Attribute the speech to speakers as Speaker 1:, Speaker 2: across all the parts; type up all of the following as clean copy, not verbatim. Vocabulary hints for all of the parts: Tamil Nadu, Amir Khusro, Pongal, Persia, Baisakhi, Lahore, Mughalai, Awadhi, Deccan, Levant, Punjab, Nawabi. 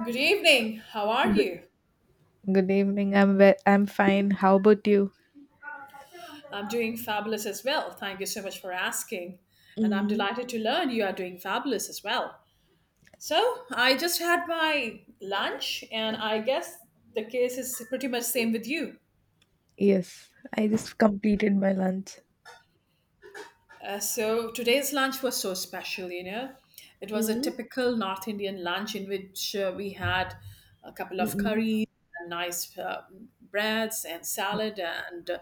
Speaker 1: Good evening. How are
Speaker 2: Good,
Speaker 1: you?
Speaker 2: good evening. I'm fine. How about you?
Speaker 1: I'm doing fabulous as well. Thank you so much for asking. And I'm
Speaker 2: Mm.
Speaker 1: delighted to learn you are doing fabulous as well. So, I just had my lunch, and I guess the case is pretty much same with you.
Speaker 2: Yes, I just completed my lunch.
Speaker 1: So, today's lunch was so special. It was a
Speaker 2: Mm,
Speaker 1: typical North Indian lunch in which we had a couple of
Speaker 2: mm,
Speaker 1: curries, and nice breads, and
Speaker 2: mm,
Speaker 1: salad, and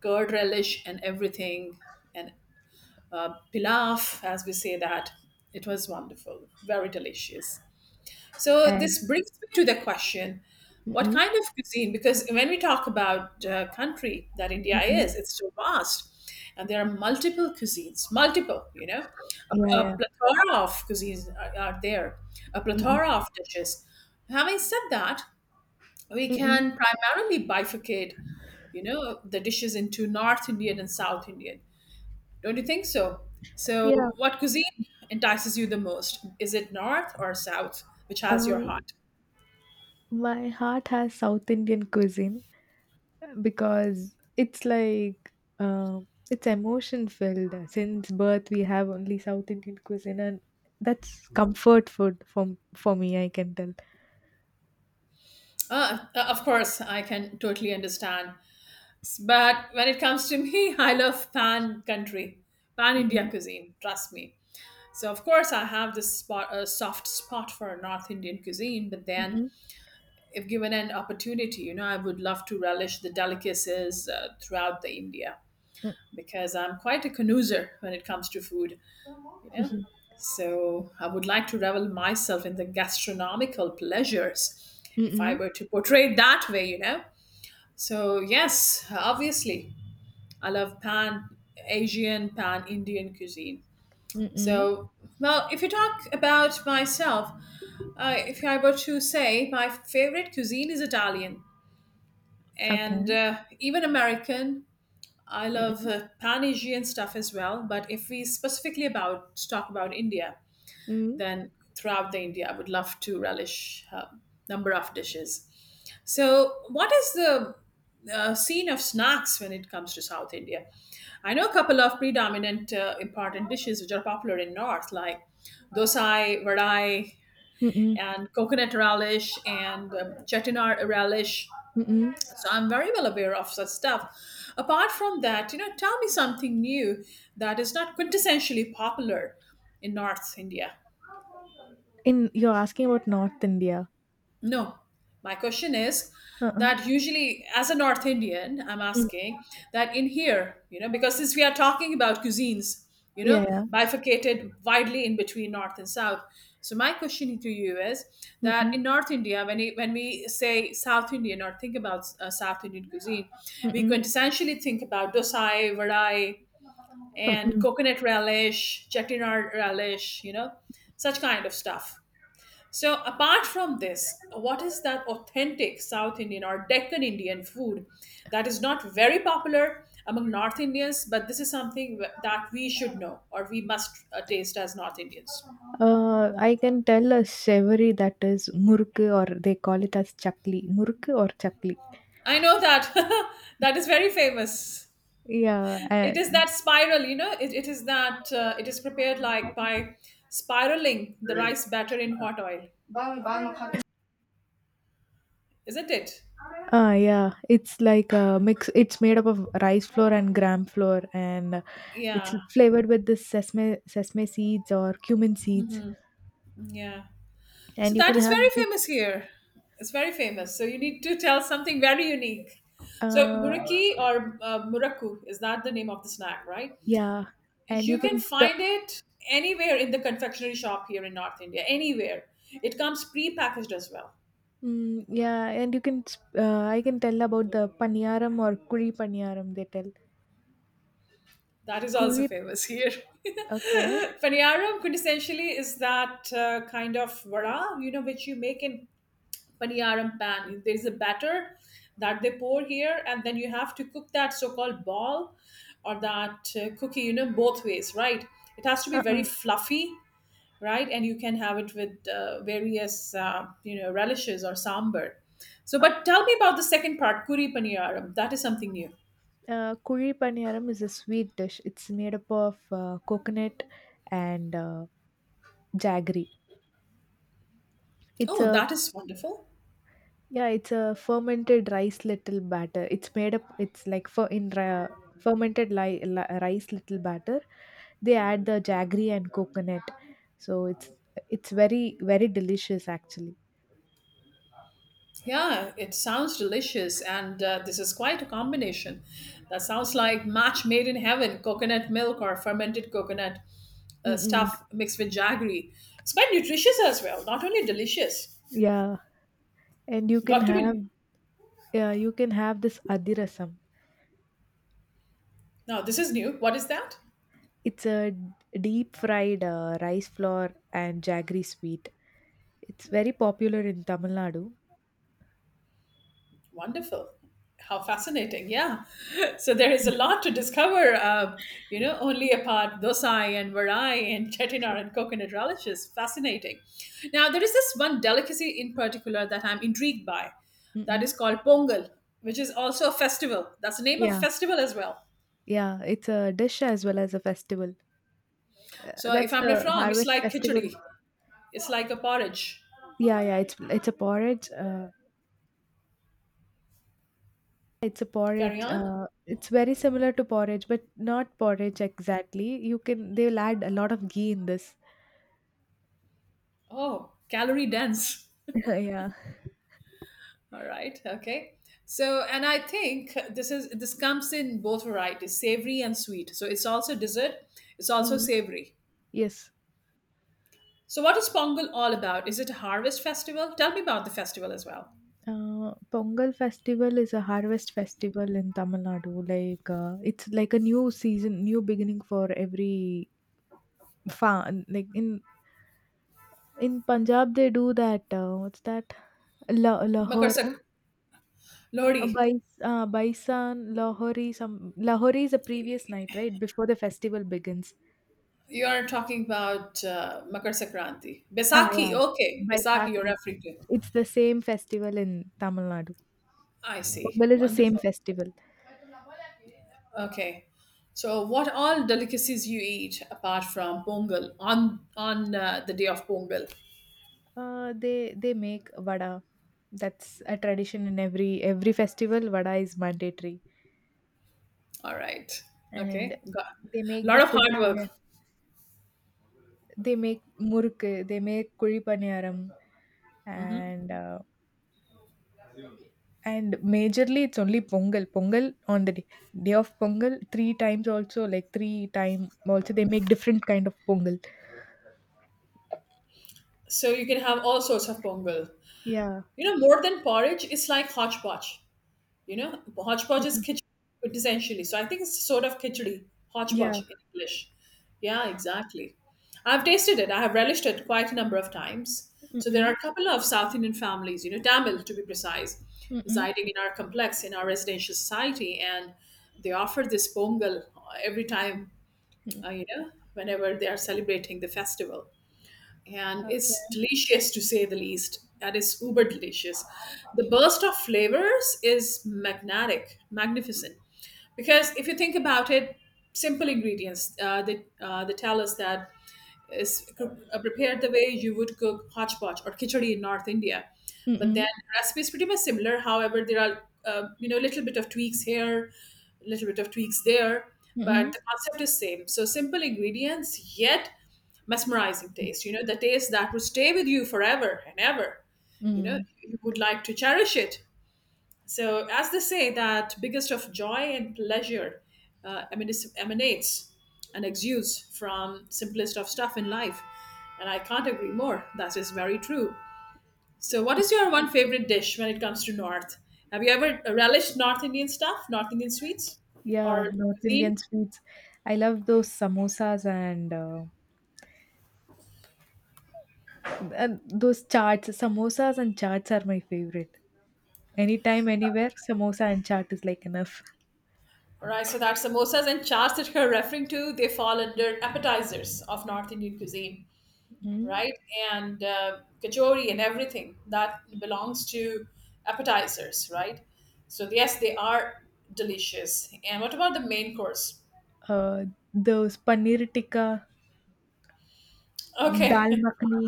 Speaker 1: curd relish, and everything, and pilaf, as we say that. It was wonderful, very delicious. So,
Speaker 2: and
Speaker 1: this brings me to the question, what
Speaker 2: mm,
Speaker 1: kind of cuisine? Because when we talk about country that India
Speaker 2: mm,
Speaker 1: is, it's so vast and there are multiple cuisines, multiple, you know, a,
Speaker 2: yeah,
Speaker 1: a
Speaker 2: yeah,
Speaker 1: plethora of cuisines are there, a plethora
Speaker 2: mm,
Speaker 1: of dishes. Having said that, we
Speaker 2: mm,
Speaker 1: can primarily bifurcate the dishes into North Indian and South Indian. Don't you think so? So,
Speaker 2: yeah.
Speaker 1: what cuisine entices you the most? Is it north or south, which has your
Speaker 2: Um,
Speaker 1: heart?
Speaker 2: my heart has South Indian cuisine because it's like it's emotion filled. Since birth, we have only South Indian cuisine, and that's comfort food for me. I can tell.
Speaker 1: Ah, of course, I can totally understand. But when it comes to me, I love pan country, pan India
Speaker 2: Mm,
Speaker 1: cuisine, trust me. So, of course, I have this spot, a soft spot for North Indian cuisine, but
Speaker 2: mm,
Speaker 1: then
Speaker 2: mm,
Speaker 1: if given an opportunity, I would love to relish the delicacies throughout the India
Speaker 2: mm, mm,
Speaker 1: because I'm quite a connoisseur when it comes to food. you know so I would like to revel myself in the gastronomical pleasures, if I
Speaker 2: mm,
Speaker 1: were to portray it that way. So yes, obviously, I love pan Asian, pan Indian cuisine.
Speaker 2: mm, mm, mm.
Speaker 1: So, well, if you talk about myself, if I were to say, my favorite cuisine is Italian, and
Speaker 2: Okay.
Speaker 1: even American. I love
Speaker 2: Mm-mm.
Speaker 1: Pan Asian stuff as well. But if we specifically about talk about India, then throughout the India, I would love to relish number of dishes. So, what is the scene of snacks when it comes to South India? I know a couple of predominant important dishes which are popular in North, like dosai, vadai,
Speaker 2: Mm-mm.
Speaker 1: and coconut relish and chettinad relish.
Speaker 2: Mm-mm.
Speaker 1: So I'm very well aware of such stuff. Apart from that, tell me something new that is not quintessentially popular in North India.
Speaker 2: In, you're asking about North India?
Speaker 1: No, my question is
Speaker 2: Uh-uh.
Speaker 1: that usually, as a North Indian, I'm
Speaker 2: Mm.
Speaker 1: asking that in here, because since we are talking about cuisines, you
Speaker 2: Yeah,
Speaker 1: know,
Speaker 2: yeah.
Speaker 1: bifurcated widely in between North and South. So my question to you is that
Speaker 2: Mm-mm.
Speaker 1: in North India, when we say South Indian or think about South Indian cuisine, we
Speaker 2: Mm-mm.
Speaker 1: quintessentially think about dosai, vadai, and
Speaker 2: Mm-mm.
Speaker 1: coconut relish, chettinad relish, such kind of stuff. So, apart from this, what is that authentic South Indian or Deccan Indian food that is not very popular among North Indians, but this is something that we should know or we must taste as North Indians?
Speaker 2: I can tell a savory that is murku, or they call it as chakli. Murku or chakli.
Speaker 1: I know that that is very famous.
Speaker 2: Yeah.
Speaker 1: It is that spiral, it is prepared like by spiraling the rice batter in hot oil, isn't it?
Speaker 2: Yeah. It's like a mix. It's made up of rice flour and gram flour, and it's
Speaker 1: Yeah,
Speaker 2: flavored with this sesame seeds or cumin seeds.
Speaker 1: yeah. So
Speaker 2: And you
Speaker 1: that
Speaker 2: can
Speaker 1: is
Speaker 2: have
Speaker 1: very
Speaker 2: this.
Speaker 1: famous here. It's very famous. So you need to tell something very unique. So
Speaker 2: Uh,
Speaker 1: muraki or muraku is that the name of the snack, right?
Speaker 2: Yeah, and
Speaker 1: You can find it anywhere in the confectionery shop here in North India. Anywhere. It comes pre-packaged as well.
Speaker 2: yeah, and I can tell about the paniyaram, or kuri paniyaram they tell.
Speaker 1: That is also
Speaker 2: Kuri.
Speaker 1: famous here.
Speaker 2: Okay.
Speaker 1: Paniyaram quintessentially is that kind of vada, which you make in paniyaram pan. There is a batter that they pour here, and then you have to cook that so-called ball or that cookie, both ways, right? It has to be very
Speaker 2: Uh-uh.
Speaker 1: fluffy, right? And you can have it with various, relishes or sambar. So,
Speaker 2: Uh,
Speaker 1: but tell me about the second part, kuri paniyaram. That is something new.
Speaker 2: Kuri paniyaram is a sweet dish. It's made up of coconut and jaggery. It's
Speaker 1: Oh,
Speaker 2: a
Speaker 1: that is wonderful.
Speaker 2: Yeah, it's a fermented rice little batter. It's made up. It's like for in fermented rice little batter. They add the jaggery and coconut, so it's very very delicious actually.
Speaker 1: Yeah, it sounds delicious, and this is quite a combination. That sounds like match made in heaven coconut milk or fermented coconut
Speaker 2: Mm-mm.
Speaker 1: stuff mixed with jaggery. It's quite nutritious as well, not only delicious.
Speaker 2: Yeah, and you can
Speaker 1: Got to
Speaker 2: have
Speaker 1: be.
Speaker 2: yeah, you can have this adirasam.
Speaker 1: Now, this is new. What is that?
Speaker 2: It's a deep fried, rice flour and jaggery sweet. It's very popular in Tamil Nadu.
Speaker 1: Wonderful. How fascinating. Yeah. So there is a lot to discover, only apart Dosai and Varai and chettinad and coconut relishes. Fascinating. Now, there is this one delicacy in particular that I'm intrigued by that is
Speaker 2: Mm-mm.
Speaker 1: called Pongal, which is also a festival. That's the name of a
Speaker 2: Yeah,
Speaker 1: festival as well.
Speaker 2: yeah, it's a dish as well as a festival.
Speaker 1: So if
Speaker 2: That's
Speaker 1: I'm not
Speaker 2: the
Speaker 1: wrong, it's
Speaker 2: harvest
Speaker 1: like
Speaker 2: festival.
Speaker 1: khichdi. It's like a porridge.
Speaker 2: Yeah, yeah, it's a porridge. It's a
Speaker 1: Carry
Speaker 2: porridge.
Speaker 1: on.
Speaker 2: It's very similar to porridge, but not porridge exactly. You can They'll add a lot of ghee in this.
Speaker 1: Oh, calorie dense.
Speaker 2: Yeah.
Speaker 1: All right. Okay. So, and I think this comes in both varieties, savory and sweet. So it's also dessert. It's also
Speaker 2: Mm,
Speaker 1: savory.
Speaker 2: yes.
Speaker 1: So, what is Pongal all about? Is it a harvest festival? Tell me about the festival as well.
Speaker 2: Pongal festival is a harvest festival in Tamil Nadu. Like it's like a new season, new beginning for every farm. Like in Punjab, they do that. What's that?
Speaker 1: Makar
Speaker 2: Lahore.
Speaker 1: Sak- Lodi.
Speaker 2: Baisan, Lahori, some Lahori is the previous night, right? Before the festival begins.
Speaker 1: You are talking about Makar Sakranti.
Speaker 2: Yeah.
Speaker 1: Besaki. Okay, Besaki. You're
Speaker 2: Baisakhi.
Speaker 1: referring to.
Speaker 2: It's the same festival in Tamil Nadu.
Speaker 1: I see.
Speaker 2: Well, is the same
Speaker 1: Wonderful.
Speaker 2: festival.
Speaker 1: Okay. So, what all delicacies you eat apart from Pongal on the day of Pongal?
Speaker 2: They make vada. That's a tradition in every festival. Vada is mandatory,
Speaker 1: All right.
Speaker 2: and
Speaker 1: Okay. Got
Speaker 2: they
Speaker 1: a
Speaker 2: make the
Speaker 1: lot of
Speaker 2: kuli.
Speaker 1: hard work.
Speaker 2: They make muruk. They make kuli paniyaram, and and majorly it's only Pongal. Pongal on the day, day of Pongal, three times also, like three time also they make different kind of Pongal.
Speaker 1: So you can have all sorts of pongal.
Speaker 2: Yeah.
Speaker 1: More than porridge, it's like hodgepodge. Hodgepodge is khichdi essentially. So I think it's sort of khichdi,
Speaker 2: Yeah.
Speaker 1: hodgepodge in English. Yeah, exactly. I've tasted it. I have relished it quite a number of times. So there are
Speaker 2: Mm-mm.
Speaker 1: a couple of South Indian families, Tamil to be precise,
Speaker 2: Mm-mm.
Speaker 1: residing in our complex in our residential society, and they offer this pongal every time whenever they are celebrating the festival, and it's
Speaker 2: Okay.
Speaker 1: delicious to say the least. That is uber delicious. The burst of flavors is magnetic, magnificent. Because if you think about it, simple ingredients they tell us that is prepared the way you would cook hodgepodge or khichdi in North India. But
Speaker 2: Mm-mm.
Speaker 1: then the recipe is pretty much similar. However, there are a little bit of tweaks here, a little bit of tweaks there, but
Speaker 2: Mm-mm.
Speaker 1: the concept is same. So simple ingredients, yet mesmerizing taste. The taste that would stay with you forever and ever. you know
Speaker 2: Mm.
Speaker 1: you would like to cherish it. So, as they say, that biggest of joy and pleasure emanates and exudes from simplest of stuff in life, and I can't agree more. That is very true. So, what is your one favorite dish when it comes to north? Have you ever relished North Indian stuff, North Indian sweets,
Speaker 2: Yeah,
Speaker 1: or
Speaker 2: North
Speaker 1: cuisine?
Speaker 2: Indian sweets. I love those samosas and those chaats. Samosas and chaats are my favorite. Anytime, anywhere, samosa and chaat is like enough.
Speaker 1: Right, so that samosas and chaats that you're referring to, they fall under appetizers of North Indian cuisine,
Speaker 2: Mm.
Speaker 1: right? And kachori and everything that belongs to appetizers, right? So yes, they are delicious. And what about the main course?
Speaker 2: Uh, those paneer tikka. Dal
Speaker 1: Okay.
Speaker 2: makhani.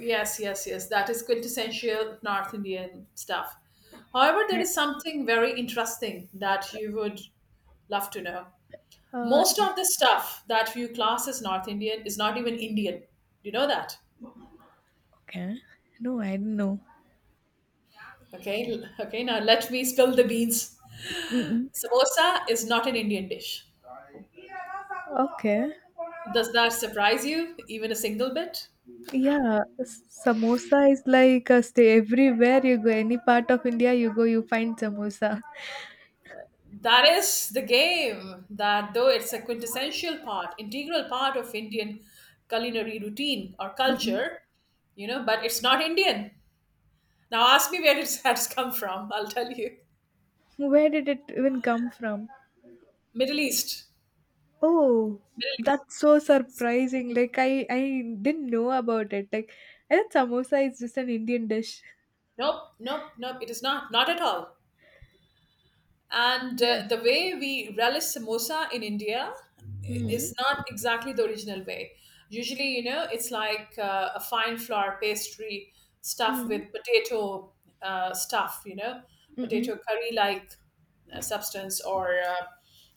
Speaker 1: Yes, yes, yes. That is quintessential North Indian stuff. However, there is something very interesting that you would love to know.
Speaker 2: Uh,
Speaker 1: Most of the stuff that you class as North Indian is not even Indian. You know that?
Speaker 2: okay. No, I didn't know.
Speaker 1: Okay, okay, now let me spill the beans.
Speaker 2: Mm-mm.
Speaker 1: Samosa is not an Indian dish.
Speaker 2: Okay.
Speaker 1: Does that surprise you even a single bit?
Speaker 2: Yeah, samosa is like a stay. Everywhere you go, any part of India you go, you find samosa.
Speaker 1: That is the game, that though it's a quintessential part, integral part of Indian culinary routine or
Speaker 2: Mm-mm.
Speaker 1: culture, but it's not Indian. Now ask me where it's has come from. I'll tell you.
Speaker 2: Where did it even come from?
Speaker 1: Middle East.
Speaker 2: Oh,
Speaker 1: Middle East.
Speaker 2: that's so surprising. Like I didn't know about it. Like I thought samosa is just an Indian dish.
Speaker 1: Nope, nope, nope, it is not, not at all. And
Speaker 2: Okay.
Speaker 1: the way we relish samosa in India
Speaker 2: Hmm.
Speaker 1: is not exactly the original way. Usually it's like a fine flour pastry stuffed
Speaker 2: Hmm.
Speaker 1: with potato, stuff,
Speaker 2: Mm.
Speaker 1: potato curry like substance, or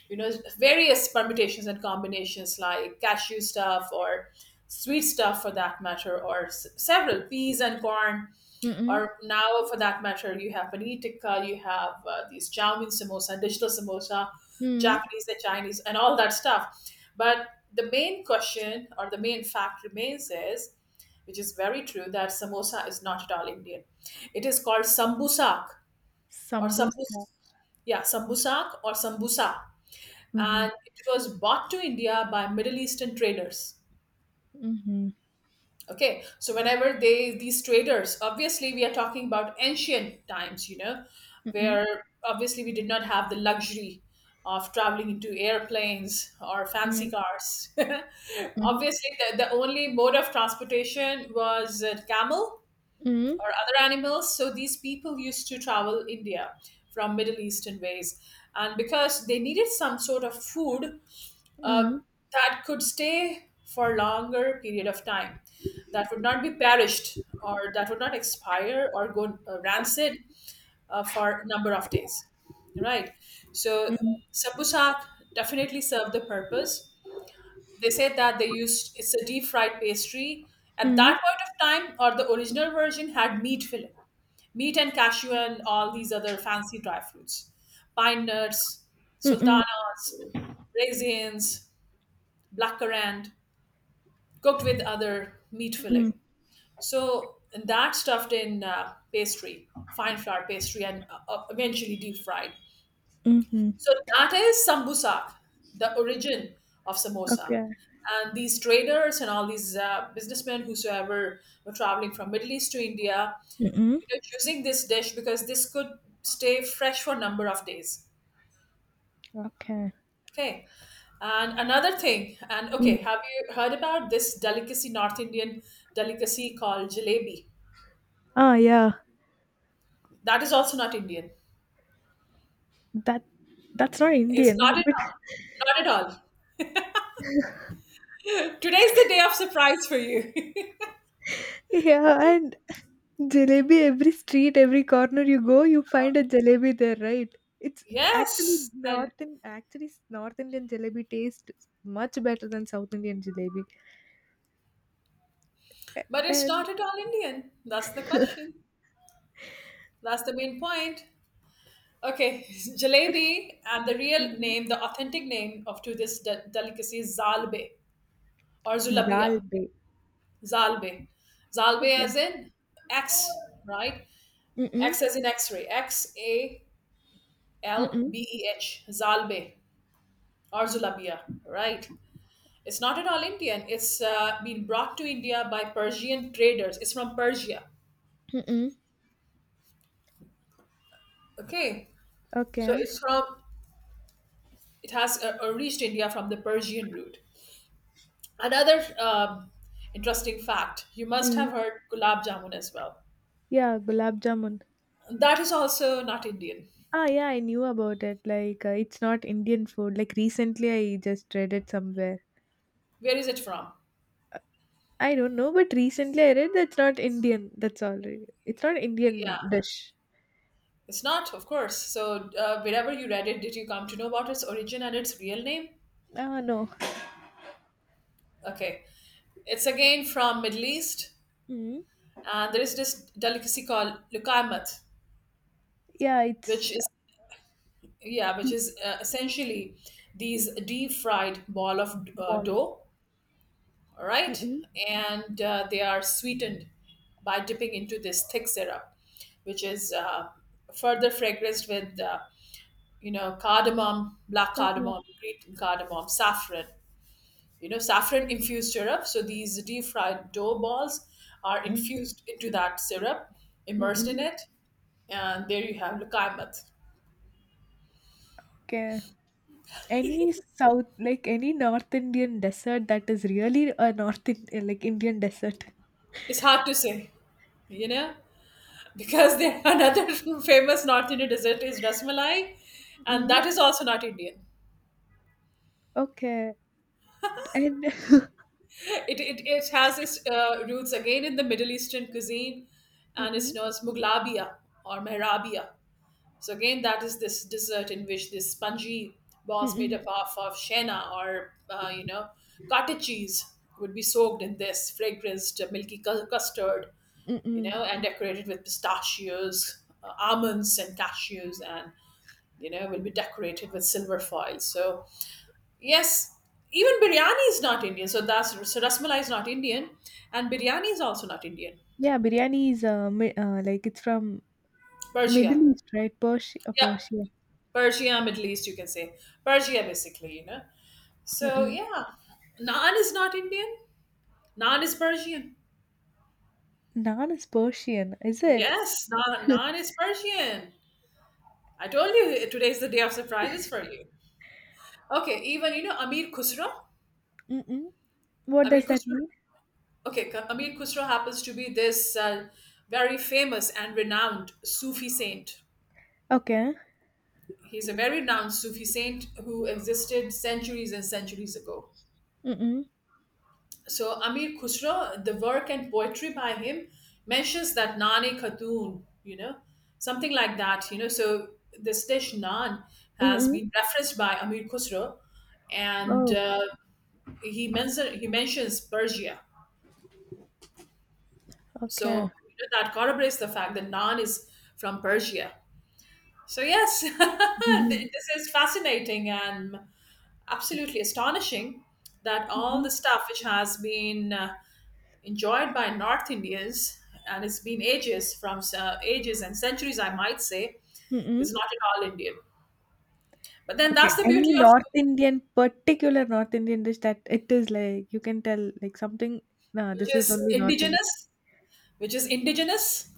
Speaker 1: you know various permutations and combinations like cashew stuff or sweet stuff for that matter, or several peas and corn,
Speaker 2: Mm. Mm.
Speaker 1: or now for that matter you have paneer tikka, you have these chow mein samosa, digital samosa,
Speaker 2: Mm.
Speaker 1: Japanese and Chinese and all that stuff. But the main question or the main fact remains is, which is very true, that samosa is not at all Indian. It is called sambusak or
Speaker 2: Sambusa.
Speaker 1: sambus. Yeah, sambusak or sambusa, and it was brought to India by Middle Eastern traders.
Speaker 2: Mhm.
Speaker 1: Okay, so whenever they these traders, obviously we are talking about ancient times,
Speaker 2: Mm.
Speaker 1: where obviously we did not have the luxury of traveling into airplanes or fancy
Speaker 2: Mm.
Speaker 1: cars.
Speaker 2: Mhm.
Speaker 1: Obviously, the only mode of transportation was camel
Speaker 2: Mm.
Speaker 1: or other animals. So these people used to travel India from Middle Eastern ways, and because they needed some sort of food uh,
Speaker 2: Mm.
Speaker 1: that could stay for longer period of time, that would not be perished or that would not expire or go rancid for number of days, right? So sambusak definitely served the purpose. They said that they used it's a deep fried pastry. At
Speaker 2: Mhm.
Speaker 1: that point of time, or the original version had meat filling, meat and cashew and all these other fancy dry fruits, pine nuts,
Speaker 2: Mm.
Speaker 1: sultanas, raisins, blackcurrant, cooked with other meat
Speaker 2: Mm.
Speaker 1: filling. So and that stuffed in pastry, fine flour pastry, and eventually deep fried.
Speaker 2: Mhm.
Speaker 1: So that is sambusa, the origin of samosa.
Speaker 2: Okay.
Speaker 1: And these traders and all these businessmen, whosoever were traveling from Middle East to India,
Speaker 2: Mm.
Speaker 1: choosing this dish because this could stay fresh for a number of days.
Speaker 2: Okay.
Speaker 1: Okay, and another thing. And
Speaker 2: Mm.
Speaker 1: okay, have you heard about this delicacy, north indian delicacy called jalebi?
Speaker 2: Yeah.
Speaker 1: That is also not indian.
Speaker 2: That that's not
Speaker 1: It's not
Speaker 2: Indian,
Speaker 1: at
Speaker 2: but
Speaker 1: all, not at all. Today's the day of surprise for you.
Speaker 2: yeah, and jalebi, every street, every corner you go, you find a jalebi there, right? It's actually
Speaker 1: Yes. And
Speaker 2: North and Actually, North Indian jalebi tastes much better than South Indian jalebi.
Speaker 1: but it's
Speaker 2: And.
Speaker 1: not at all indian. That's the question, that's the main point. Okay, jalebi. And the real
Speaker 2: Mhm.
Speaker 1: name, the authentic name of to this delicacy is zalbe. Or Zulabia,
Speaker 2: Zalbe.
Speaker 1: Zalbe. Zalbe
Speaker 2: Okay.
Speaker 1: as in X, right?
Speaker 2: Mm.
Speaker 1: X as in X-ray, X A L
Speaker 2: Mm-mm.
Speaker 1: B E H, Zalbe or Zulabia, right? It's not at all Indian. It's been brought to India by Persian traders. It's from Persia.
Speaker 2: Mm-mm.
Speaker 1: Okay, so
Speaker 2: Okay.
Speaker 1: it has reached India from the Persian route. Another interesting fact: you must
Speaker 2: Mm.
Speaker 1: have heard gulab jamun as well.
Speaker 2: Yeah, gulab jamun.
Speaker 1: That is also not Indian.
Speaker 2: Yeah, I knew about it. Like, it's not Indian food. Like, recently I just read it somewhere.
Speaker 1: Where is it from?
Speaker 2: I don't know, but recently I read that's not Indian. That's all, right. It's not
Speaker 1: Yeah,
Speaker 2: Indian dish.
Speaker 1: it's not, of course. So, wherever you read it, did you come to know about its origin and its real name?
Speaker 2: No.
Speaker 1: Okay, it's again from Middle East,
Speaker 2: Mm.
Speaker 1: and there is this delicacy called lukaimat,
Speaker 2: Yeah, it's
Speaker 1: which is yeah, which is essentially these deep fried ball of
Speaker 2: ball.
Speaker 1: dough. All right,
Speaker 2: Mm-mm.
Speaker 1: and they are sweetened by dipping into this thick syrup, which is further fragranced with you know cardamom, black
Speaker 2: Uh-uh.
Speaker 1: cardamom, green cardamom, saffron, you know, saffron infused syrup. So these deep fried dough balls are
Speaker 2: Mm.
Speaker 1: infused into that syrup, immersed
Speaker 2: Mm-mm.
Speaker 1: in it, and there you have lukaimat.
Speaker 2: Okay. Any south, like any North Indian desert that is really a North in, like Indian desert.
Speaker 1: It's hard to say, you know, because there another famous north indian dessert is rasmalai, and
Speaker 2: Mm.
Speaker 1: that is also not indian.
Speaker 2: Okay. And.
Speaker 1: It has its roots again in the middle eastern cuisine, and it's
Speaker 2: Mm-mm.
Speaker 1: known as muglabia or mehrabia. So again, that is this dessert in which this spongy balls made
Speaker 2: Mm-mm.
Speaker 1: up of shena or you know, cottage cheese would be soaked in this fragranced milky custard, you
Speaker 2: Mm-mm.
Speaker 1: know, and decorated with pistachios, almonds, and cashews, and you know will be decorated with silver foil. So yes, even biryani is not Indian. So that's so rasmalai is not Indian, and biryani is also not Indian.
Speaker 2: Yeah, biryani is like it's from
Speaker 1: Persia,
Speaker 2: Middle East, right? Persia,
Speaker 1: yeah,
Speaker 2: Persia.
Speaker 1: Persia, Middle East, you can say Persia, basically, you know. So
Speaker 2: Mm-mm.
Speaker 1: yeah, naan is not Indian. Naan is Persian.
Speaker 2: Naan is Persian, is it?
Speaker 1: Yes, naan is Persian. I told you today's the day of surprises for you. Okay, even you know Amir Khusro.
Speaker 2: Mm-mm. What does
Speaker 1: Amir
Speaker 2: that
Speaker 1: Khusro.
Speaker 2: mean?
Speaker 1: Okay, Amir Khusro happens to be this very famous and renowned Sufi saint.
Speaker 2: Okay.
Speaker 1: He's a very renowned Sufi saint who existed centuries and centuries ago.
Speaker 2: Mm-mm.
Speaker 1: So Amir Khusro, the work and poetry by him mentions that Nane Khatoon, you know, something like that, you know. So this dish naan has
Speaker 2: Mm-mm.
Speaker 1: been referenced by Amir Khusro, and
Speaker 2: Oh,
Speaker 1: he mentions Persia.
Speaker 2: okay.
Speaker 1: So you know, that corroborates the fact that naan is from Persia. So yes,
Speaker 2: Mm-mm.
Speaker 1: this is fascinating and absolutely astonishing that all
Speaker 2: Mm-mm.
Speaker 1: the stuff which has been enjoyed by North Indians, and it's been ages from ages and centuries, I might say, is
Speaker 2: Mm-mm.
Speaker 1: not at all Indian. But then
Speaker 2: Okay.
Speaker 1: that's the
Speaker 2: Any
Speaker 1: beauty of
Speaker 2: North
Speaker 1: food,
Speaker 2: Indian, particular North Indian dish that it is like you can tell, like, something. No, this
Speaker 1: which
Speaker 2: is
Speaker 1: is
Speaker 2: only North Indian.
Speaker 1: indigenous, which is indigenous.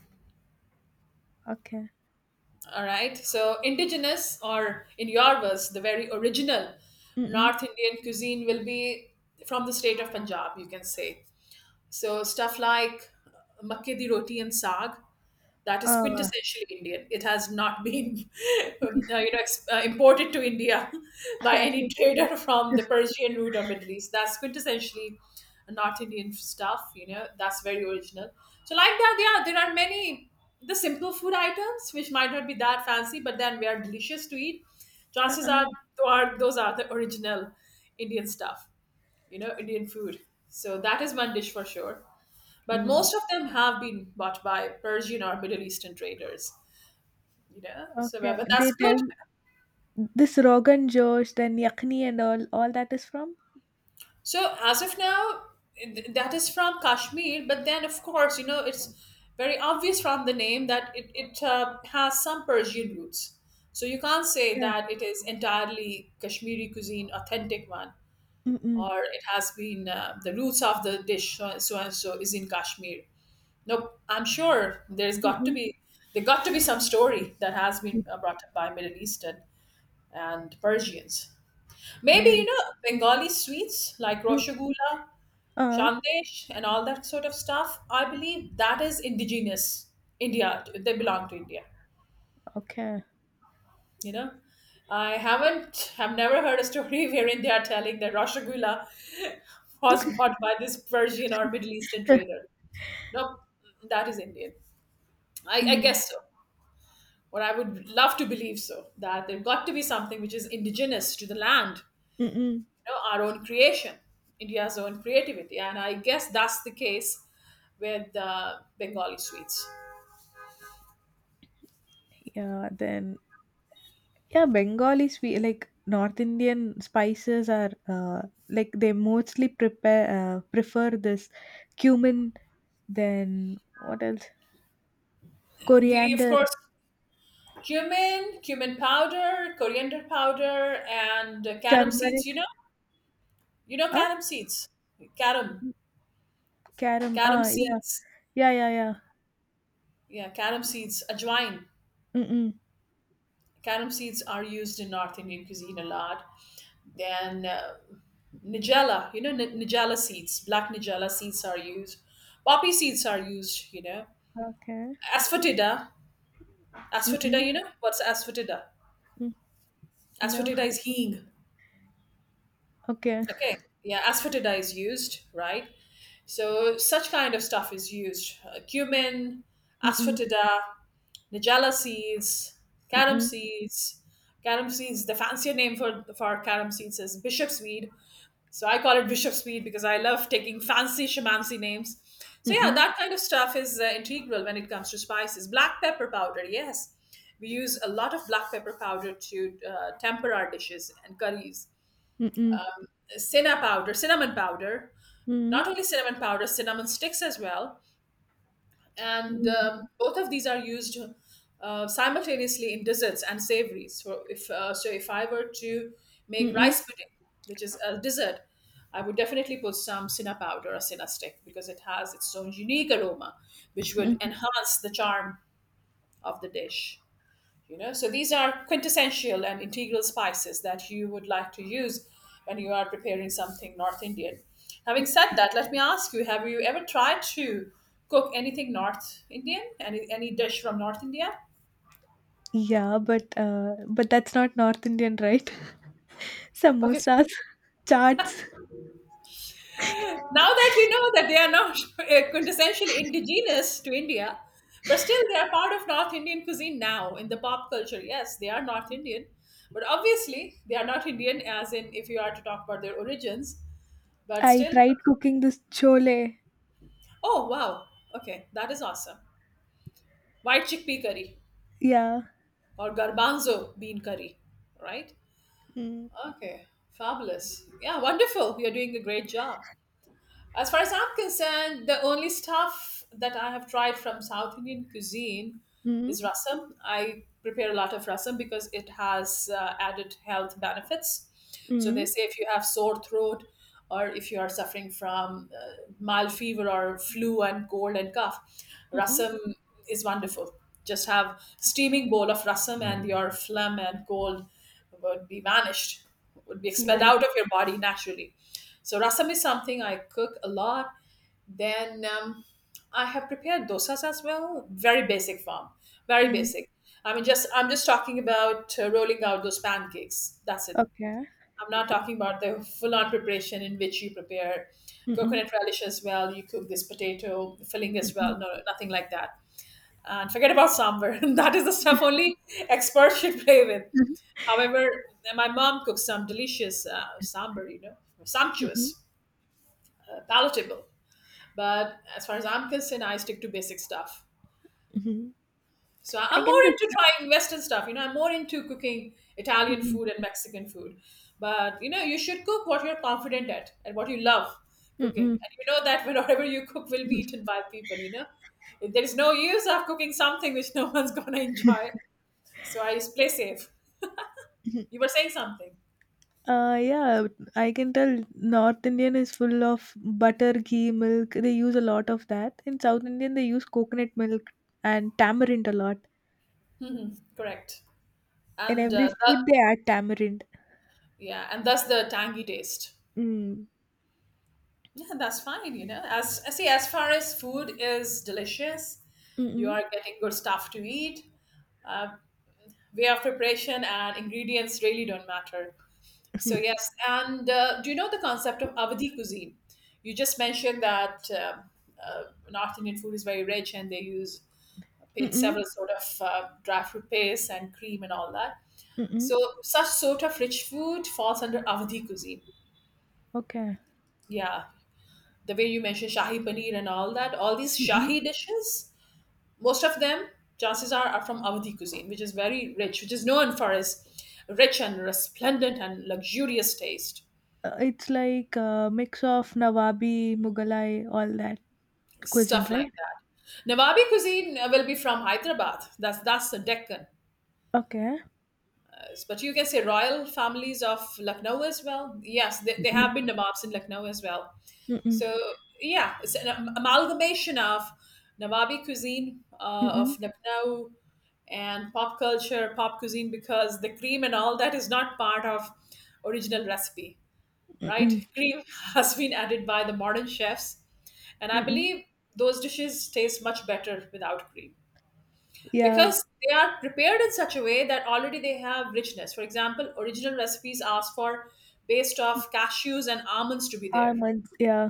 Speaker 2: Okay.
Speaker 1: All right, so indigenous, or in your words, the very original
Speaker 2: Mm-mm.
Speaker 1: North Indian cuisine will be from the state of Punjab, you can say. So stuff like makke di roti and saag, that is
Speaker 2: Uh,
Speaker 1: quintessentially Indian. It has not been, you know, imported to India by any
Speaker 2: Okay.
Speaker 1: trader from the Persian route or Middle East. That's quintessentially not Indian stuff. You know, that's very original. So, like that, yeah, there are many the simple food items which might not be that fancy, but then they are delicious to eat. Chances
Speaker 2: Uh-uh.
Speaker 1: are, those are the original Indian stuff. You know, Indian food. So that is one dish for sure, but
Speaker 2: Mm.
Speaker 1: most of them have been bought by Persian or Middle Eastern traders. You know, so but
Speaker 2: Okay,
Speaker 1: but
Speaker 2: they
Speaker 1: that's
Speaker 2: tell
Speaker 1: good.
Speaker 2: this Rogan Josh, then Yakni and all that is from?
Speaker 1: So as of now, that is from Kashmir. But then, of course, you know it's very obvious from the name that it has some Persian roots. So you can't say
Speaker 2: Okay.
Speaker 1: that it is entirely Kashmiri cuisine, authentic one,
Speaker 2: Mm-mm.
Speaker 1: or it has been the roots of the dish so so and so is in Kashmir. Nope, I'm sure
Speaker 2: Mm-mm.
Speaker 1: there got to be some story that has been brought up by Middle Eastern and Persians. Maybe you
Speaker 2: Mm-mm.
Speaker 1: know Bengali sweets like
Speaker 2: Mm.
Speaker 1: roshogulla,
Speaker 2: Uh,
Speaker 1: shandesh, and all that sort of stuff. I believe that is indigenous India. They belong to India.
Speaker 2: okay.
Speaker 1: You know, I haven't have never heard a story wherein they are telling that roshogulla was bought by this Persian or Middle Eastern trader. Nope, that is Indian. I
Speaker 2: Mm.
Speaker 1: guess so. Or I would love to believe so, that there got to be something which is indigenous to the land,
Speaker 2: Mm-mm.
Speaker 1: you know, our own creation, India's own creativity. And I guess that's the case with Bengali sweets.
Speaker 2: Yeah, then yeah, Bengalis, we like North Indian spices are like they mostly prepare prefer this cumin, then what else?
Speaker 1: The, of
Speaker 2: Coriander,
Speaker 1: course, cumin, cumin powder, coriander powder, and carom seeds.
Speaker 2: turmeric,
Speaker 1: You know
Speaker 2: huh?
Speaker 1: carom seeds, carom,
Speaker 2: Caram.
Speaker 1: carom
Speaker 2: Yeah,
Speaker 1: seeds.
Speaker 2: yeah, yeah, yeah.
Speaker 1: Yeah, carom seeds, ajwain.
Speaker 2: Mm-mm.
Speaker 1: Carom seeds are used in North Indian cuisine a lot. Then Nigella, you know, Nigella seeds, black Nigella seeds are used. Poppy seeds are used, you know.
Speaker 2: Okay.
Speaker 1: Asphodida, asphodida, you know, what's asphodida?
Speaker 2: Mm, no,
Speaker 1: Asphodida is heeng.
Speaker 2: okay.
Speaker 1: Okay. Yeah, asphodida is used, right? So such kind of stuff is used. Cumin,
Speaker 2: Mm-mm,
Speaker 1: asphodida, Nigella seeds, carom
Speaker 2: mm-mm,
Speaker 1: seeds. Carom seeds, the fancier name for carom seeds is bishop's weed. So I call it Bishop's Mead because I love taking fancy shamancy names. So yeah,
Speaker 2: mm-mm,
Speaker 1: that kind of stuff is integral when it comes to spices. Black pepper powder, yes, we use a lot of black pepper powder to temper our dishes and curries.
Speaker 2: mm-mm,
Speaker 1: Cinna powder, cinnamon powder,
Speaker 2: mm-mm,
Speaker 1: not only cinnamon powder, cinnamon sticks as well, and
Speaker 2: mm-mm,
Speaker 1: both of these are used simultaneously in desserts and savories. So if I were to make
Speaker 2: mm-mm,
Speaker 1: rice pudding, which is a dessert, I would definitely put some cinna powder or cinna stick because it has its own unique aroma, which would
Speaker 2: mm-mm.
Speaker 1: enhance the charm of the dish. You know, so these are quintessential and integral spices that you would like to use when you are preparing something north indian. Having said that, let me ask you, have you ever tried to cook anything north indian, any dish from north india?
Speaker 2: Yeah, but that's not North Indian, right?
Speaker 1: Okay, so
Speaker 2: Samosas, chaats.
Speaker 1: now that you know that they are not quintessentially indigenous to india, but still they are part of north indian cuisine. Now in the pop culture, yes, they are north indian, but obviously they are not indian as in if you are to talk about their origins, but
Speaker 2: I
Speaker 1: still.
Speaker 2: tried cooking this chole.
Speaker 1: Oh wow. Okay, that is awesome. White chickpea curry
Speaker 2: Yeah.
Speaker 1: or garbanzo bean curry, right?
Speaker 2: Mm,
Speaker 1: Okay, fabulous. Yeah, wonderful. You're doing a great job. As far as I'm concerned, the only stuff that I have tried from South Indian cuisine
Speaker 2: mm,
Speaker 1: is rasam. I prepare a lot of rasam because it has added health benefits. So they
Speaker 2: mm,
Speaker 1: say if you have sore throat or if you are suffering from mild fever or flu and cold and cough,
Speaker 2: mm.
Speaker 1: rasam is wonderful. Just have steaming bowl of rasam and your phlegm and cold would be vanished, would be expelled
Speaker 2: Yeah.
Speaker 1: out of your body naturally. So rasam is something I cook a lot. Then I have prepared dosas as well. Very basic form, very
Speaker 2: Mm,
Speaker 1: basic. I mean, just I'm just talking about rolling out those pancakes. That's it.
Speaker 2: okay.
Speaker 1: I'm not talking about the full-on preparation in which you prepare
Speaker 2: Mm-mm,
Speaker 1: coconut relish as well. You cook this potato filling as
Speaker 2: mm-mm,
Speaker 1: well. No, nothing like that. And forget about sambar. That is the stuff only experts should play with.
Speaker 2: mm-hmm,
Speaker 1: However, my mom cooks some delicious sambar, you know,
Speaker 2: mm-mm,
Speaker 1: sumptuous, palatable. But as far as I'm concerned, I stick to basic stuff.
Speaker 2: mm-hmm.
Speaker 1: So
Speaker 2: I
Speaker 1: I'm
Speaker 2: can
Speaker 1: more
Speaker 2: do
Speaker 1: into
Speaker 2: that.
Speaker 1: trying Western stuff. You know, I'm more into cooking Italian
Speaker 2: Mm-mm,
Speaker 1: food and Mexican food. But you know, you should cook what you're confident at and what you love cooking.
Speaker 2: mm-mm.
Speaker 1: And you know that whatever you cook will be eaten by people. You know, there is no use of cooking something which no one's gonna enjoy. So I just play safe.
Speaker 2: Mm-hmm.
Speaker 1: You were saying something,
Speaker 2: Yeah, I can tell North Indian is full of butter, ghee, milk. They use a lot of that. In South Indian, they use coconut milk and tamarind a lot.
Speaker 1: correct?
Speaker 2: In
Speaker 1: And
Speaker 2: every food, they add tamarind.
Speaker 1: yeah, and that's the tangy taste.
Speaker 2: Mm.
Speaker 1: Yeah, that's fine. You know, as far as food is delicious, you
Speaker 2: Mm-mm.
Speaker 1: are getting good stuff to eat. Uh, Way of preparation and ingredients really don't matter. So yes, and do you know the concept of Avadi cuisine? You just mentioned that uh, North Indian food is very rich, and they use paid
Speaker 2: Mm-mm.
Speaker 1: several sort of dry fruit paste and cream and all that.
Speaker 2: Mm-mm.
Speaker 1: So such sort of rich food falls under Avadi cuisine.
Speaker 2: Okay.
Speaker 1: Yeah, the way you mentioned shahi paneer and all that, all these
Speaker 2: Mm-mm.
Speaker 1: shahi dishes, most of them, chances are from Awadhi cuisine, which is very rich, which is known for its rich and resplendent and luxurious taste,
Speaker 2: It's like a mix of Nawabi, Mughalai, all that cuisine,
Speaker 1: stuff like
Speaker 2: right?
Speaker 1: that. Nawabi cuisine will be from Hyderabad. That's the Deccan.
Speaker 2: Okay.
Speaker 1: Yes, but you can say royal families of Lucknow as well. Yes, they
Speaker 2: Mm-mm.
Speaker 1: have been Nawabs in Lucknow as well.
Speaker 2: Mm-mm.
Speaker 1: So yeah, it's an amalgamation of Nawabi cuisine
Speaker 2: Mm-mm.
Speaker 1: of Lucknow and pop culture, pop cuisine, because the cream and all that is not part of original recipe,
Speaker 2: Mm-mm.
Speaker 1: right? Cream has been added by the modern chefs, and I
Speaker 2: Mm-mm.
Speaker 1: believe those dishes taste much better without cream
Speaker 2: Yeah,
Speaker 1: because they are prepared in such a way that already they have richness. For example, original recipes ask for paste of cashews and almonds to be there.
Speaker 2: almonds. Yeah,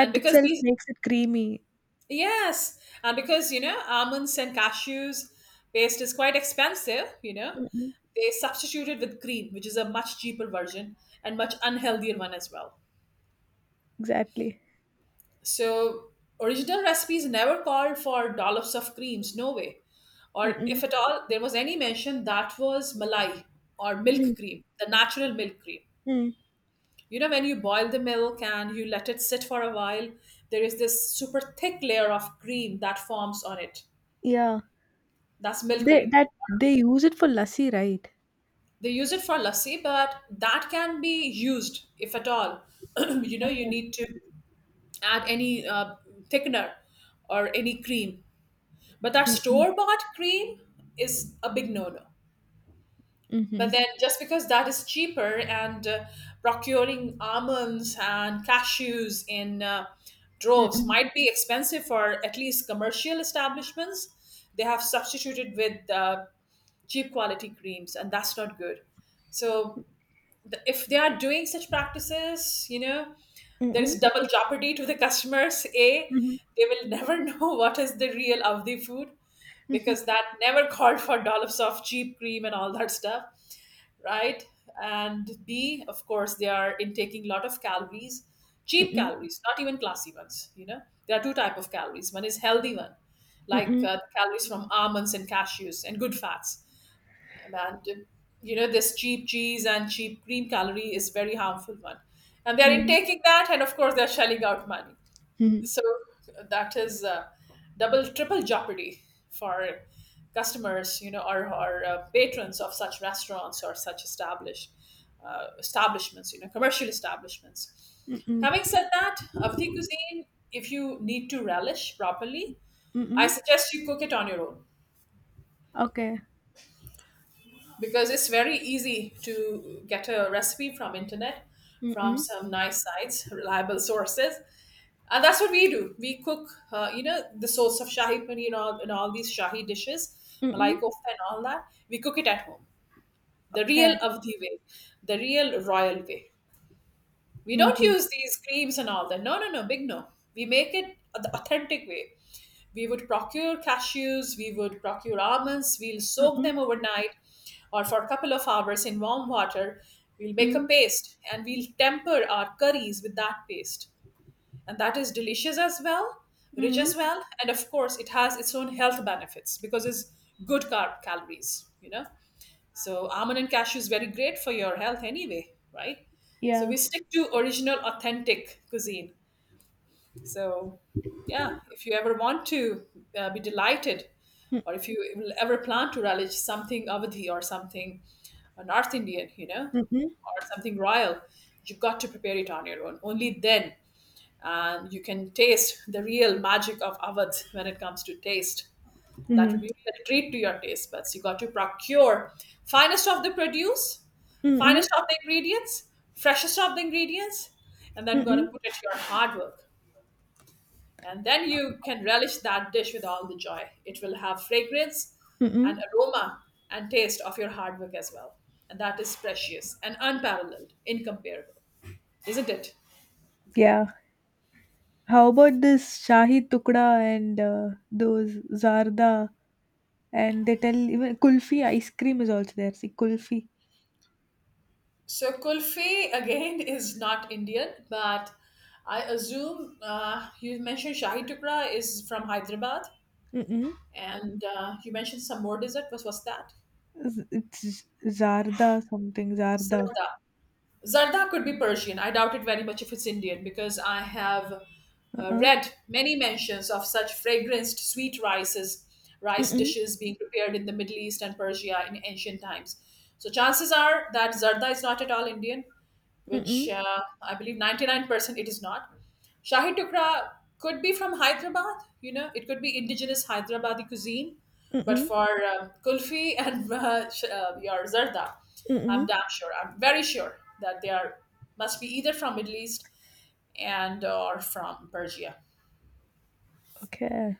Speaker 1: And because
Speaker 2: itself
Speaker 1: these,
Speaker 2: makes it creamy.
Speaker 1: yes, and because, you know, almonds and cashews paste is quite expensive, you know,
Speaker 2: Mm-mm.
Speaker 1: they substitute it with cream, which is a much cheaper version and much unhealthier one as well.
Speaker 2: Exactly.
Speaker 1: So original recipes never called for dollops of creams, no way. Or
Speaker 2: Mm-mm.
Speaker 1: if at all there was any mention, that was malai or
Speaker 2: Mm.
Speaker 1: milk cream, the natural milk cream.
Speaker 2: Mm.
Speaker 1: You know, when you boil the milk and you let it sit for a while, there is this super thick layer of cream that forms on it.
Speaker 2: Yeah.
Speaker 1: That's milk
Speaker 2: They
Speaker 1: cream.
Speaker 2: that they use it for lassi, right?
Speaker 1: They use it for lassi, but that can be used if at all. You know, you
Speaker 2: Okay.
Speaker 1: need to add any thickener or any cream. But that
Speaker 2: Mm-mm.
Speaker 1: store bought cream is a big no no. But
Speaker 2: Mm-hmm.
Speaker 1: then just because that is cheaper and procuring almonds and cashews in droves
Speaker 2: Mm-mm.
Speaker 1: might be expensive for at least commercial establishments, they have substituted with cheap quality creams, and that's not good. So if they are doing such practices, you know, there is
Speaker 2: Mm-mm.
Speaker 1: double jeopardy to the customers. A,
Speaker 2: Mm-hmm.
Speaker 1: they will never know what is the real Avdi food, because that never called for dollops of cheap cream and all that stuff, right? And B, of course, they are intaking lot of calories, cheap
Speaker 2: Mm-mm.
Speaker 1: calories, not even classy ones. You know, there are two type of calories. One is healthy one, like
Speaker 2: Mm-mm.
Speaker 1: calories from almonds and cashews and good fats, and you know, this cheap cheese and cheap cream calorie is very harmful one, and they're
Speaker 2: Mm-hmm.
Speaker 1: intaking that, and of course they're shelling out money.
Speaker 2: Mm-hmm.
Speaker 1: So that is double triple jeopardy for customers, you know, or patrons of such restaurants or such established establishments, you know, commercial establishments.
Speaker 2: Mm-mm.
Speaker 1: Having said that, avati cuisine, if you need to relish properly, I
Speaker 2: Mm-mm.
Speaker 1: suggest you cook it on your own,
Speaker 2: Okay.
Speaker 1: because it's very easy to get a recipe from internet, from
Speaker 2: Mm-mm.
Speaker 1: some nice sites, reliable sources. And that's what we do. We cook you know, the source of shahi paneer and all these shahi dishes, malai
Speaker 2: Mm-mm.
Speaker 1: kofta and all that, we cook it at home the
Speaker 2: Okay.
Speaker 1: real avdi way, the real royal way. We don't
Speaker 2: Mm-hmm.
Speaker 1: use these creams and all that. No, no, no, big no. We make it the authentic way. We would procure cashews, we would procure almonds, we'll soak
Speaker 2: Mm-mm.
Speaker 1: them overnight or for a couple of hours in warm water. We'll make a
Speaker 2: Mm-mm.
Speaker 1: paste and we'll temper our curries with that paste. And that is delicious as well, rich as
Speaker 2: Mm-mm.
Speaker 1: well. And of course, it has its own health benefits because it's good carb calories, you know? So almond and cashew is very great for your health anyway, right? So
Speaker 2: Yeah.
Speaker 1: we stick to original, authentic cuisine. So yeah, if you ever want to be delighted,
Speaker 2: Mm-mm.
Speaker 1: or if you ever plan to relish something Avadhi or something North Indian, you know,
Speaker 2: Mm.
Speaker 1: or something royal, you've got to prepare it on your own. Only then you can taste the real magic of Awadh when it comes to taste. That
Speaker 2: Hmm.
Speaker 1: will be really a treat to your taste buds. You got to procure finest of the produce,
Speaker 2: Mm-mm.
Speaker 1: finest of the ingredients, freshest of the ingredients, and then
Speaker 2: Mm-mm.
Speaker 1: gonna put it to your hard work. And then you can relish that dish with all the joy. It will have fragrance
Speaker 2: Mm-mm.
Speaker 1: and aroma and taste of your hard work as well. And that is precious and unparalleled, incomparable, isn't it?
Speaker 2: Yeah. How about this Shahi Tukda and those Zarda? And they tell even Kulfi ice cream is also there. See, Kulfi.
Speaker 1: So kulfi again is not Indian, but I assume you mentioned shahi tukra is from Hyderabad,
Speaker 2: Mm-mm.
Speaker 1: and you mentioned some more dessert. What was that?
Speaker 2: Zarda something. Zarda.
Speaker 1: Zarda. Zarda could be Persian. I doubt it very much if it's Indian, because I have
Speaker 2: Uh-uh.
Speaker 1: read many mentions of such fragranced sweet rices, rice
Speaker 2: Mm-mm.
Speaker 1: dishes being prepared in the Middle East and Persia in ancient times. So chances are that zarda is not at all Indian, which
Speaker 2: Mm-mm.
Speaker 1: I believe 99% it is not. Shahi Tukra could be from Hyderabad, you know, it could be indigenous Hyderabadi cuisine. But
Speaker 2: Mm-mm.
Speaker 1: for kulfi and your zarda,
Speaker 2: Mm-mm.
Speaker 1: I'm damn sure, I'm very sure that they are must be either from Middle East and or from Persia.
Speaker 2: Okay.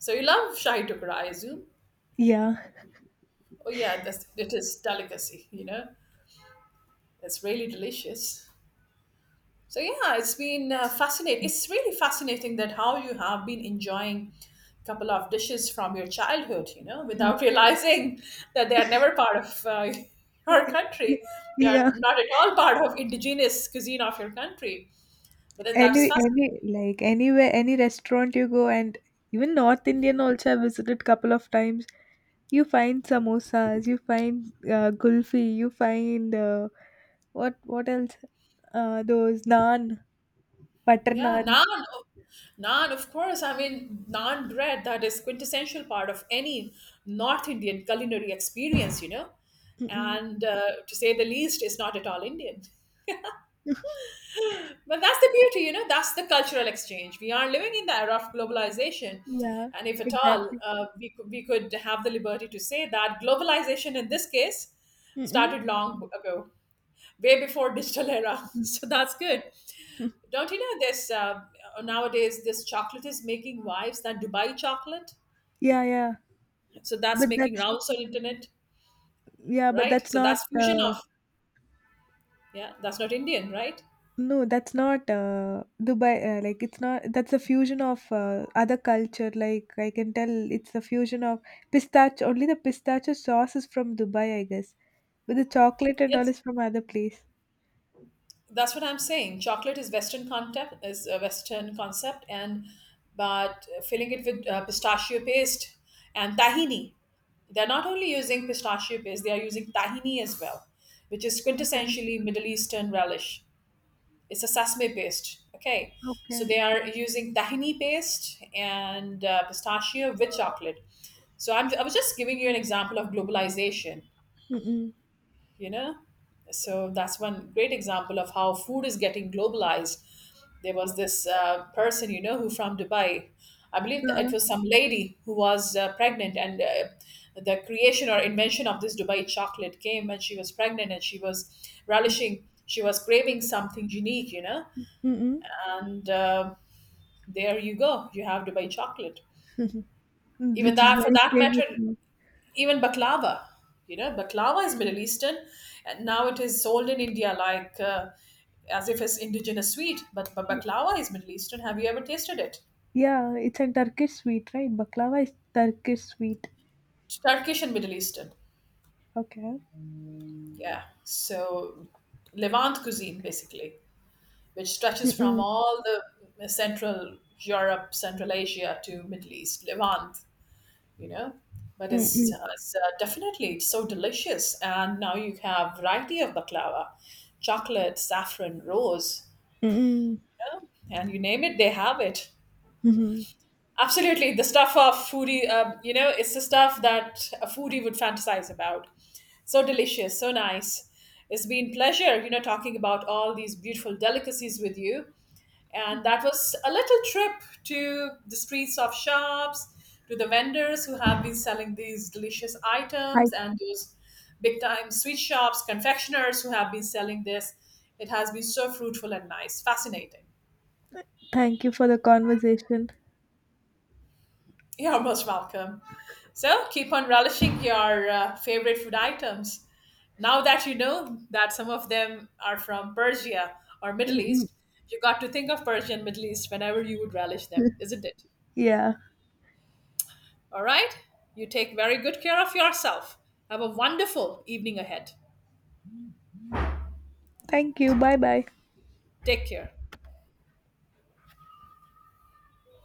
Speaker 1: So you love Shahi Tukra, I assume.
Speaker 2: Yeah.
Speaker 1: Oh yeah, that's, it is delicacy, you know. It's really delicious. So yeah, it's been fascinating. It's really fascinating that how you have been enjoying a couple of dishes from your childhood, you know, without realizing that they are never part of your country.
Speaker 2: Y-
Speaker 1: They are
Speaker 2: Yeah.
Speaker 1: not at all part of indigenous cuisine of your country. But then that is
Speaker 2: Any
Speaker 1: fascinating.
Speaker 2: any like anywhere, any restaurant you go, and even North Indian also I visited couple of times. You find samosas, you find gulfi, you find what else? Those naan, butter
Speaker 1: Yeah,
Speaker 2: naan.
Speaker 1: naan, oh, naan, of course. I mean, naan bread, that is quintessential part of any North Indian culinary experience, you know,
Speaker 2: Mm-mm.
Speaker 1: and to say the least, is not at all Indian. But that's the beauty, you know, that's the cultural exchange. We are living in the era of globalization.
Speaker 2: Yeah,
Speaker 1: And if at all,
Speaker 2: exactly.
Speaker 1: we could have the liberty to say that globalization in this case
Speaker 2: Mm-mm.
Speaker 1: started long ago, way before digital era. So that's good. Don't you know this nowadays? This chocolate is making wives, that Dubai chocolate,
Speaker 2: Yeah, yeah.
Speaker 1: so that's
Speaker 2: But
Speaker 1: making
Speaker 2: that's
Speaker 1: rounds on internet,
Speaker 2: Yeah, but
Speaker 1: right?
Speaker 2: that's
Speaker 1: So
Speaker 2: not,
Speaker 1: that's fusion of, yeah, that's not Indian, right?
Speaker 2: no, that's not, Dubai. Like, it's not. That's a fusion of other culture. Like I can tell, it's a fusion of pistachio. Only the pistachio sauce is from Dubai, I guess. But the chocolate and all
Speaker 1: It's
Speaker 2: is from other place.
Speaker 1: that's what I'm saying. Chocolate is a Western concept, and but filling it with pistachio paste and tahini. They're not only using pistachio paste; they are using tahini as well, which is
Speaker 2: Okay.
Speaker 1: quintessentially Middle Eastern relish. It's a sesame paste. Okay, so
Speaker 2: Okay.
Speaker 1: they are using tahini paste and pistachio with chocolate. So I was just giving you an example of globalization,
Speaker 2: Mm-mm.
Speaker 1: you know, so that's one great example of how food is getting globalized. There was this person, you know, who from Dubai, I believe that
Speaker 2: Uh-uh.
Speaker 1: it was some lady who was pregnant, and the creation or invention of this Dubai chocolate came when she was pregnant and she was relishing, she was craving something unique, you know.
Speaker 2: Mm-mm.
Speaker 1: And there you go, you have Dubai chocolate. Even
Speaker 2: Which is
Speaker 1: that, for
Speaker 2: very
Speaker 1: that
Speaker 2: famous
Speaker 1: matter,
Speaker 2: now.
Speaker 1: even baklava, you know, baklava is Middle Eastern and now it is sold in India, like as if it's indigenous sweet, but baklava is Middle Eastern. Have you ever tasted it?
Speaker 2: Yeah, it's a Turkish sweet, right? Baklava is Turkish sweet.
Speaker 1: Turkish and Middle Eastern,
Speaker 2: Okay.
Speaker 1: yeah. So Levant cuisine basically, which stretches from
Speaker 2: Mm-mm.
Speaker 1: all the central Europe, central Asia to Middle East Levant, you know. But it's,
Speaker 2: Mm-mm.
Speaker 1: definitely it's so delicious, and now you have variety of baklava: chocolate, saffron, rose,
Speaker 2: Mm-mm.
Speaker 1: and you name it, they have it.
Speaker 2: Mm-hmm.
Speaker 1: Absolutely, the stuff of foodie, you know, it's the stuff that a foodie would fantasize about. So delicious, so nice. It's been pleasure, you know, talking about all these beautiful delicacies with you. And that was a little trip to the streets of shops, to the vendors who have been selling these delicious
Speaker 2: I
Speaker 1: items, and those big time sweet shops, confectioners who have been selling this. It has been so fruitful and nice, fascinating.
Speaker 2: Thank you for the conversation.
Speaker 1: You're most welcome. So keep on relishing your favorite food items. Now that you know that some of them are from Persia or Middle
Speaker 2: Mm-mm.
Speaker 1: East, you got to think of Persia and Middle East whenever you would relish them, isn't it?
Speaker 2: Yeah.
Speaker 1: All right? You take very good care of yourself. Have a wonderful evening ahead.
Speaker 2: Thank you. Bye bye.
Speaker 1: Take care.